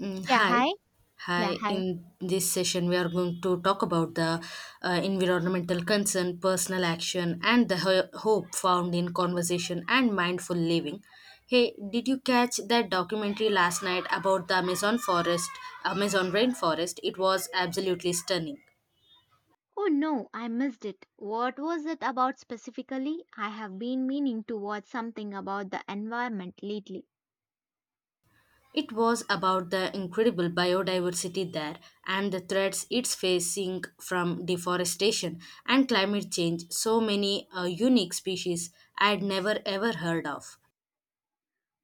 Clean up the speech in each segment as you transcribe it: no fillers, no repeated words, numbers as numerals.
Mm, Yeah, hi. hi. Yeah, Hi. hi. In this session, we are going to talk about the environmental concern, personal action, and the hope found in conversation and mindful living. Hey, did you catch that documentary last night about the Amazon rainforest? It was absolutely stunning. Oh no, I missed it. What was it about specifically? I have been meaning to watch something about the environment lately. It was about the incredible biodiversity there and the threats it's facing from deforestation and climate change. So many unique species I'd never ever heard of.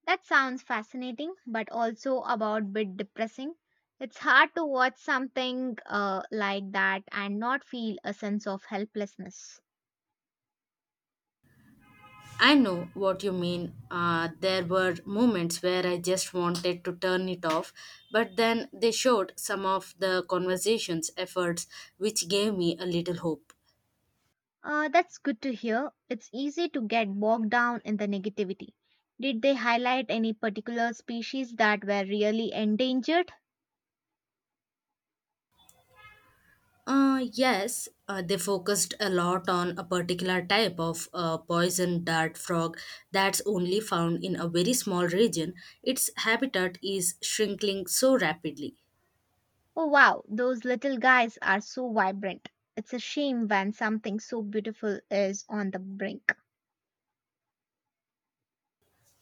That sounds fascinating, but also about bit depressing. It's hard to watch something like that and not feel a sense of helplessness. I know what you mean. There were moments where I just wanted to turn it off, but then they showed some of the conversation's efforts, which gave me a little hope. That's good to hear. It's easy to get bogged down in the negativity. Did they highlight any particular species that were really endangered? Yes, they focused a lot on a particular type of poison dart frog that's only found in a very small region. Its habitat is shrinking so rapidly. Oh wow, those little guys are so vibrant. It's a shame when something so beautiful is on the brink.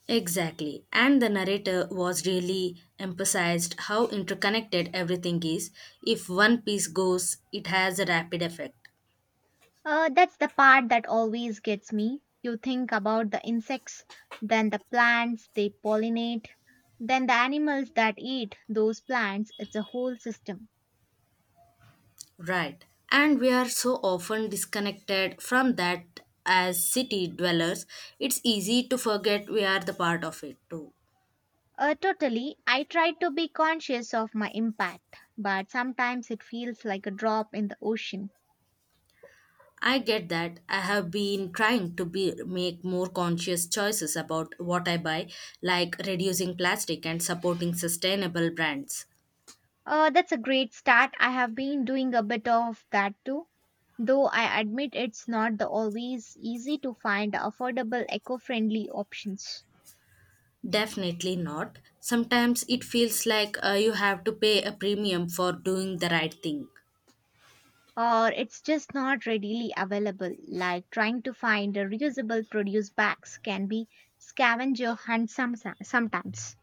Exactly. And the narrator was really emphasized how interconnected everything is. If one piece goes, it has a rapid effect. That's the part that always gets me. You think about the insects, then the plants they pollinate, then the animals that eat those plants. It's a whole system. Right. And we are so often disconnected from that as city dwellers, it's easy to forget we are the part of it too. Totally, I try to be conscious of my impact, but sometimes it feels like a drop in the ocean. I get that. I have been trying to be make more conscious choices about what I buy, like reducing plastic and supporting sustainable brands. That's a great start. I have been doing a bit of that too. Though I admit it's not the always easy to find affordable eco-friendly options. Definitely not. Sometimes it feels like you have to pay a premium for doing the right thing. Or it's just not readily available, like trying to find a reusable produce bags can be scavenger hunt some, sometimes.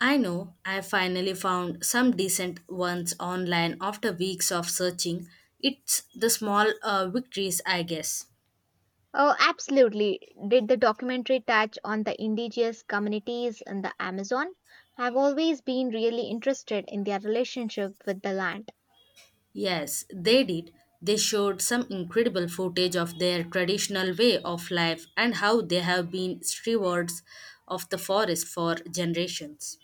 I know, I finally found some decent ones online after weeks of searching. It's the small victories, I guess. Oh, absolutely. Did the documentary touch on the indigenous communities in the Amazon? I've always been really interested in their relationship with the land. Yes, they did. They showed some incredible footage of their traditional way of life and how they have been stewards of the forest for generations.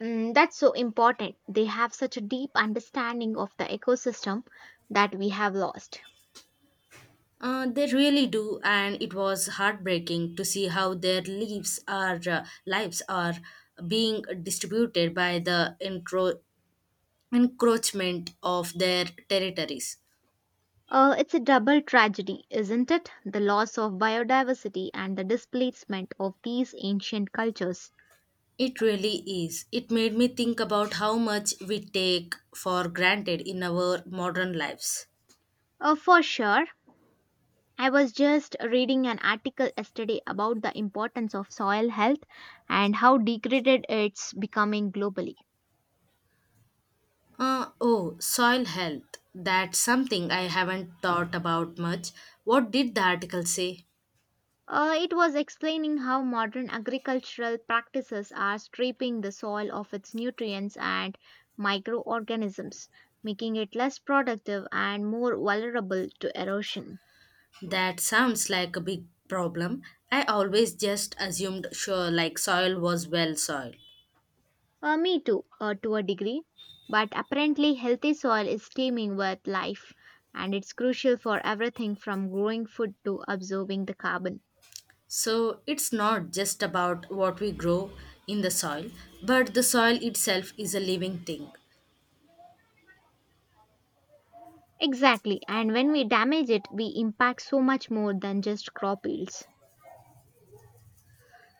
Mm, that's so important. They have such a deep understanding of the ecosystem that we have lost. They really do, and it was heartbreaking to see how their leaves are, lives are being distributed by the intro encroachment of their territories. It's a double tragedy, isn't it? The loss of biodiversity and the displacement of these ancient cultures. It really is. It made me think about how much we take for granted in our modern lives. For sure. I was just reading an article yesterday about the importance of soil health and how degraded it's becoming globally. Oh, soil health. That's something I haven't thought about much. What did the article say? It was explaining how modern agricultural practices are stripping the soil of its nutrients and microorganisms, making it less productive and more vulnerable to erosion. That sounds like a big problem. I always just assumed sure like soil was well soil. Me too, to a degree. But apparently, healthy soil is teeming with life, and it's crucial for everything from growing food to absorbing the carbon. So it's not just about what we grow in the soil, but the soil itself is a living thing. Exactly, and when we damage it, we impact so much more than just crop yields.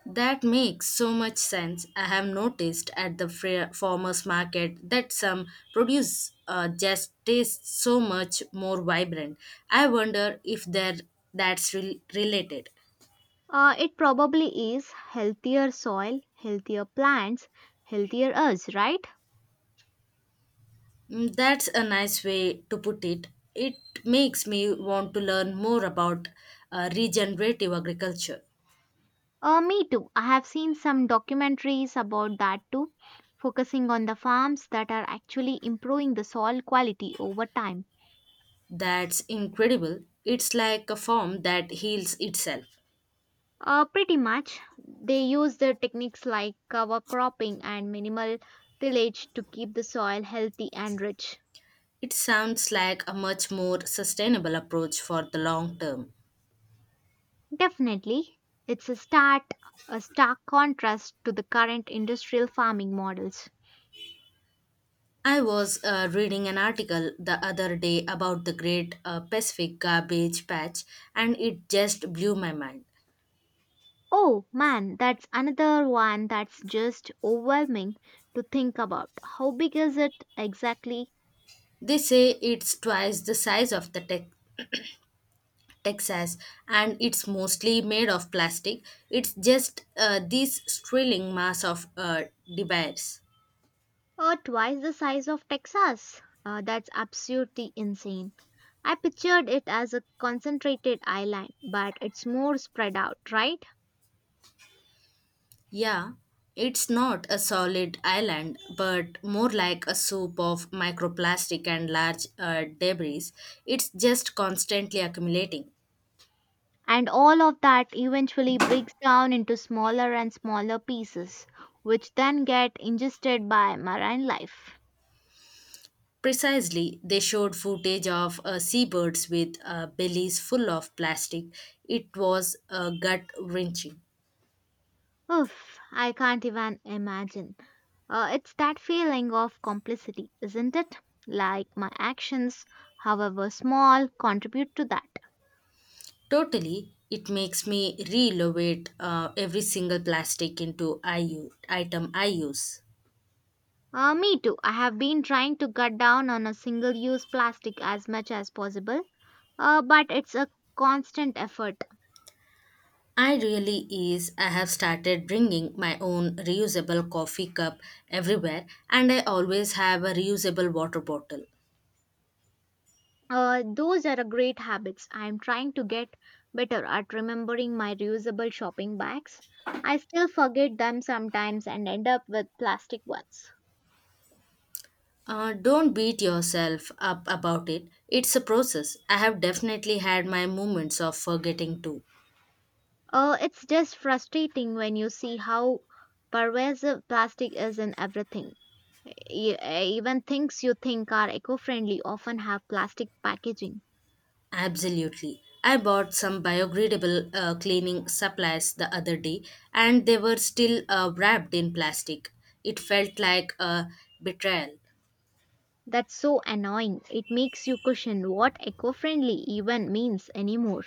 That makes so much sense. I have noticed at the farmers market that some produce just tastes so much more vibrant. I wonder if there related. It probably is healthier soil, healthier plants, healthier us, right? Mm, that's a nice way to put it. It makes me want to learn more about regenerative agriculture. Me too. I have seen some documentaries about that too, focusing on the farms that are actually improving the soil quality over time. That's incredible. It's like a form that heals itself. Pretty much, they use the techniques like cover cropping and minimal tillage to keep the soil healthy and rich. It sounds like a much more sustainable approach for the long term. Definitely, it's a start, a stark contrast to the current industrial farming models. I was reading an article the other day about the Great Pacific Garbage Patch and it just blew my mind. Oh man, that's another one that's just overwhelming to think about. How big is it exactly? They say it's twice the size of the Tex Texas and it's mostly made of plastic. It's just this swirling mass of debris. Twice the size of Texas. That's absolutely insane. I pictured it as a concentrated island, but it's more spread out, right? Yeah, it's not a solid island, but more like a soup of microplastic and large debris. It's just constantly accumulating. And all of that eventually breaks down into smaller and smaller pieces, which then get ingested by marine life. Precisely, they showed footage of seabirds with bellies full of plastic. It was gut wrenching. Oof, I can't even imagine. It's that feeling of complicity, isn't it? Like my actions, however small, contribute to that. Totally, it makes me reevaluate every single plastic into item I use. Me too. I have been trying to cut down on a single use plastic as much as possible, but it's a constant effort. I really is. I have started bringing my own reusable coffee cup everywhere, and I always have a reusable water bottle. Those are a great habits. I'm trying to get better at remembering my reusable shopping bags. I still forget them sometimes and end up with plastic ones. Don't beat yourself up about it. It's a process. I have definitely had my moments of forgetting too. It's just frustrating when you see how pervasive plastic is in everything. Even things you think are eco friendly often have plastic packaging. Absolutely. I bought some biodegradable cleaning supplies the other day and they were still wrapped in plastic. It felt like a betrayal. That's so annoying. It makes you question what eco friendly even means anymore.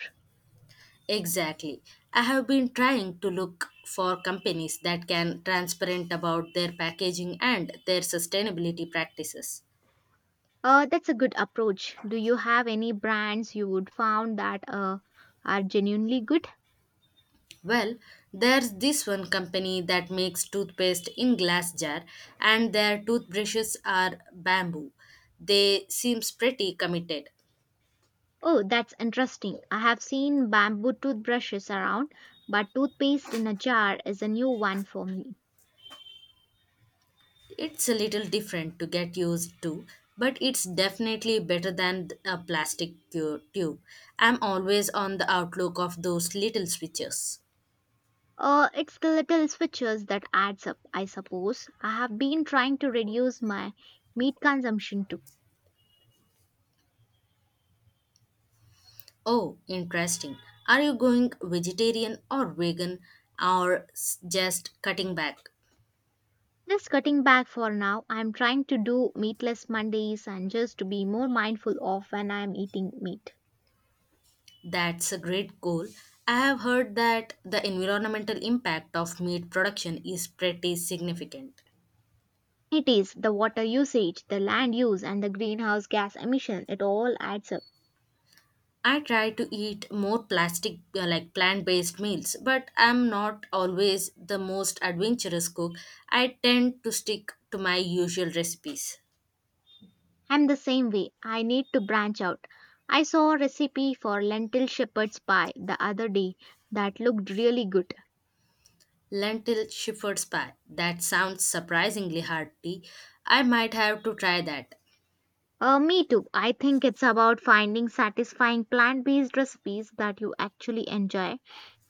Exactly. I have been trying to look for companies that can transparent about their packaging and their sustainability practices. That's a good approach. Do you have any brands you would found that are genuinely good? Well, there's this one company that makes toothpaste in glass jar and their toothbrushes are bamboo. They seems pretty committed. Oh, that's interesting. I have seen bamboo toothbrushes around, but toothpaste in a jar is a new one for me. It's a little different to get used to, but it's definitely better than a plastic tube. I'm always on the outlook of those little switches. It's the little switches that adds up, I suppose. I have been trying to reduce my meat consumption too. Oh, interesting. Are you going vegetarian or vegan or just cutting back? Just cutting back for now. I'm trying to do meatless Mondays and just to be more mindful of when I'm eating meat. That's a great goal. I have heard that the environmental impact of meat production is pretty significant. It is the water usage, the land use, and the greenhouse gas emission. It all adds up. I try to eat more plastic like plant-based meals, but I'm not always the most adventurous cook. I tend to stick to my usual recipes. I'm the same way. I need to branch out. I saw a recipe for lentil shepherd's pie the other day that looked really good. Lentil shepherd's pie. That sounds surprisingly hearty. I might have to try that. Me too. I think it's about finding satisfying plant based recipes that you actually enjoy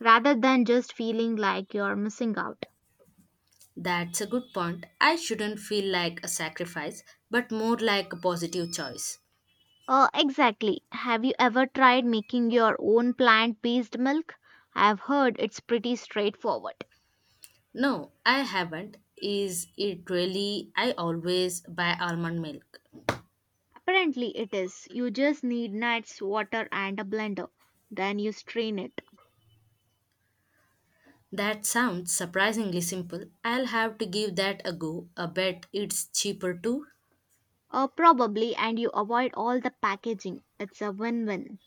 rather than just feeling like you're missing out. That's a good point. I shouldn't feel like a sacrifice, but more like a positive choice. Exactly. Have you ever tried making your own plant based milk? I've heard it's pretty straightforward. No, I haven't. Is it really? I always buy almond milk. Apparently, it is. You just need nuts, water, and a blender. Then you strain it. That sounds surprisingly simple. I'll have to give that a go. I bet it's cheaper too. Probably, and you avoid all the packaging. It's a win win.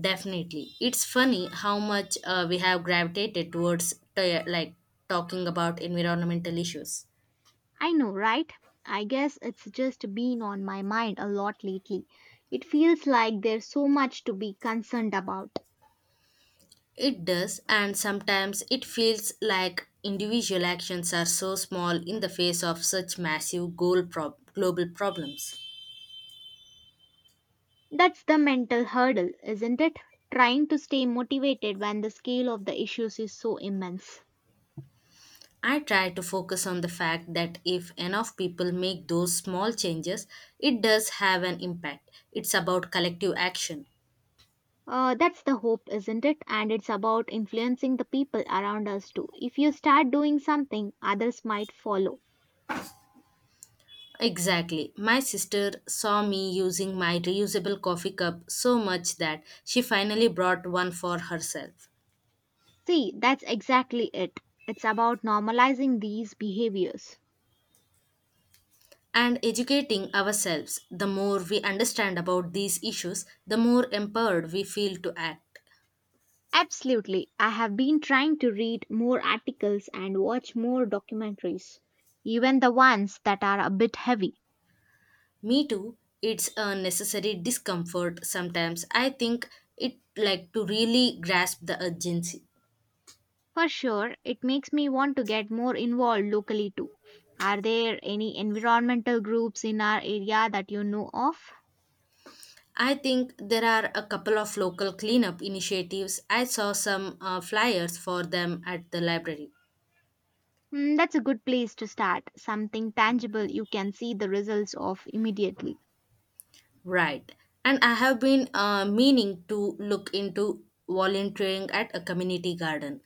Definitely. It's funny how much we have gravitated towards like talking about environmental issues. I know, right? I guess it's just been on my mind a lot lately. It feels like there's so much to be concerned about. It does, and sometimes it feels like individual actions are so small in the face of such massive global problems. That's the mental hurdle, isn't it? Trying to stay motivated when the scale of the issues is so immense. I try to focus on the fact that if enough people make those small changes, it does have an impact. It's about collective action. That's the hope, isn't it? And it's about influencing the people around us too. If you start doing something, others might follow. Exactly. My sister saw me using my reusable coffee cup so much that she finally brought one for herself. See, that's exactly it. It's about normalizing these behaviors. And educating ourselves, the more we understand about these issues, the more empowered we feel to act. Absolutely. I have been trying to read more articles and watch more documentaries, even the ones that are a bit heavy. Me too. It's a necessary discomfort sometimes. I think it like to really grasp the urgency. For sure, it makes me want to get more involved locally too. Are there any environmental groups in our area that you know of? I think there are a couple of local cleanup initiatives. I saw some flyers for them at the library. Hmm, that's a good place to start. Something tangible you can see the results of immediately. Right. And I have been meaning to look into volunteering at a community garden.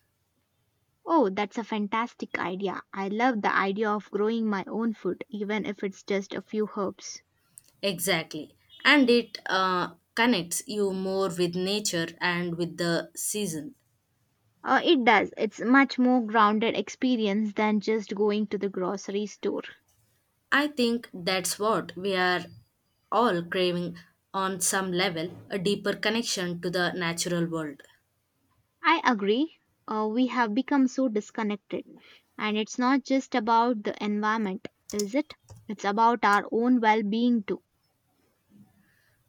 Oh, that's a fantastic idea. I love the idea of growing my own food, even if it's just a few herbs. Exactly. And it connects you more with nature and with the season. It does. It's much more grounded experience than just going to the grocery store. I think that's what we are all craving on some level a deeper connection to the natural world. I agree. We have become so disconnected. And it's not just about the environment, is it? It's about our own well being too.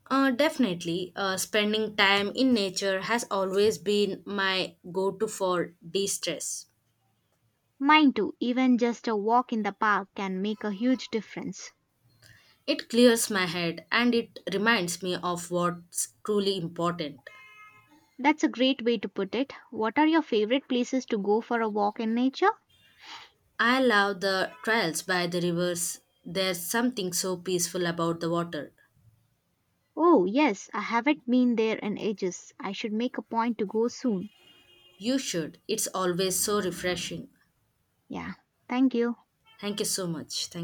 Definitely, spending time in nature has always been my go to for de stress. Mine too, even just a walk in the park can make a huge difference. It clears my head and it reminds me of what's truly important. That's a great way to put it. What are your favorite places to go for a walk in nature? I love the trails by the rivers. There's something so peaceful about the water. Oh, yes, I haven't been there in ages. I should make a point to go soon. You should. It's always so refreshing. Yeah, thank you. Thank you so much. Thank you.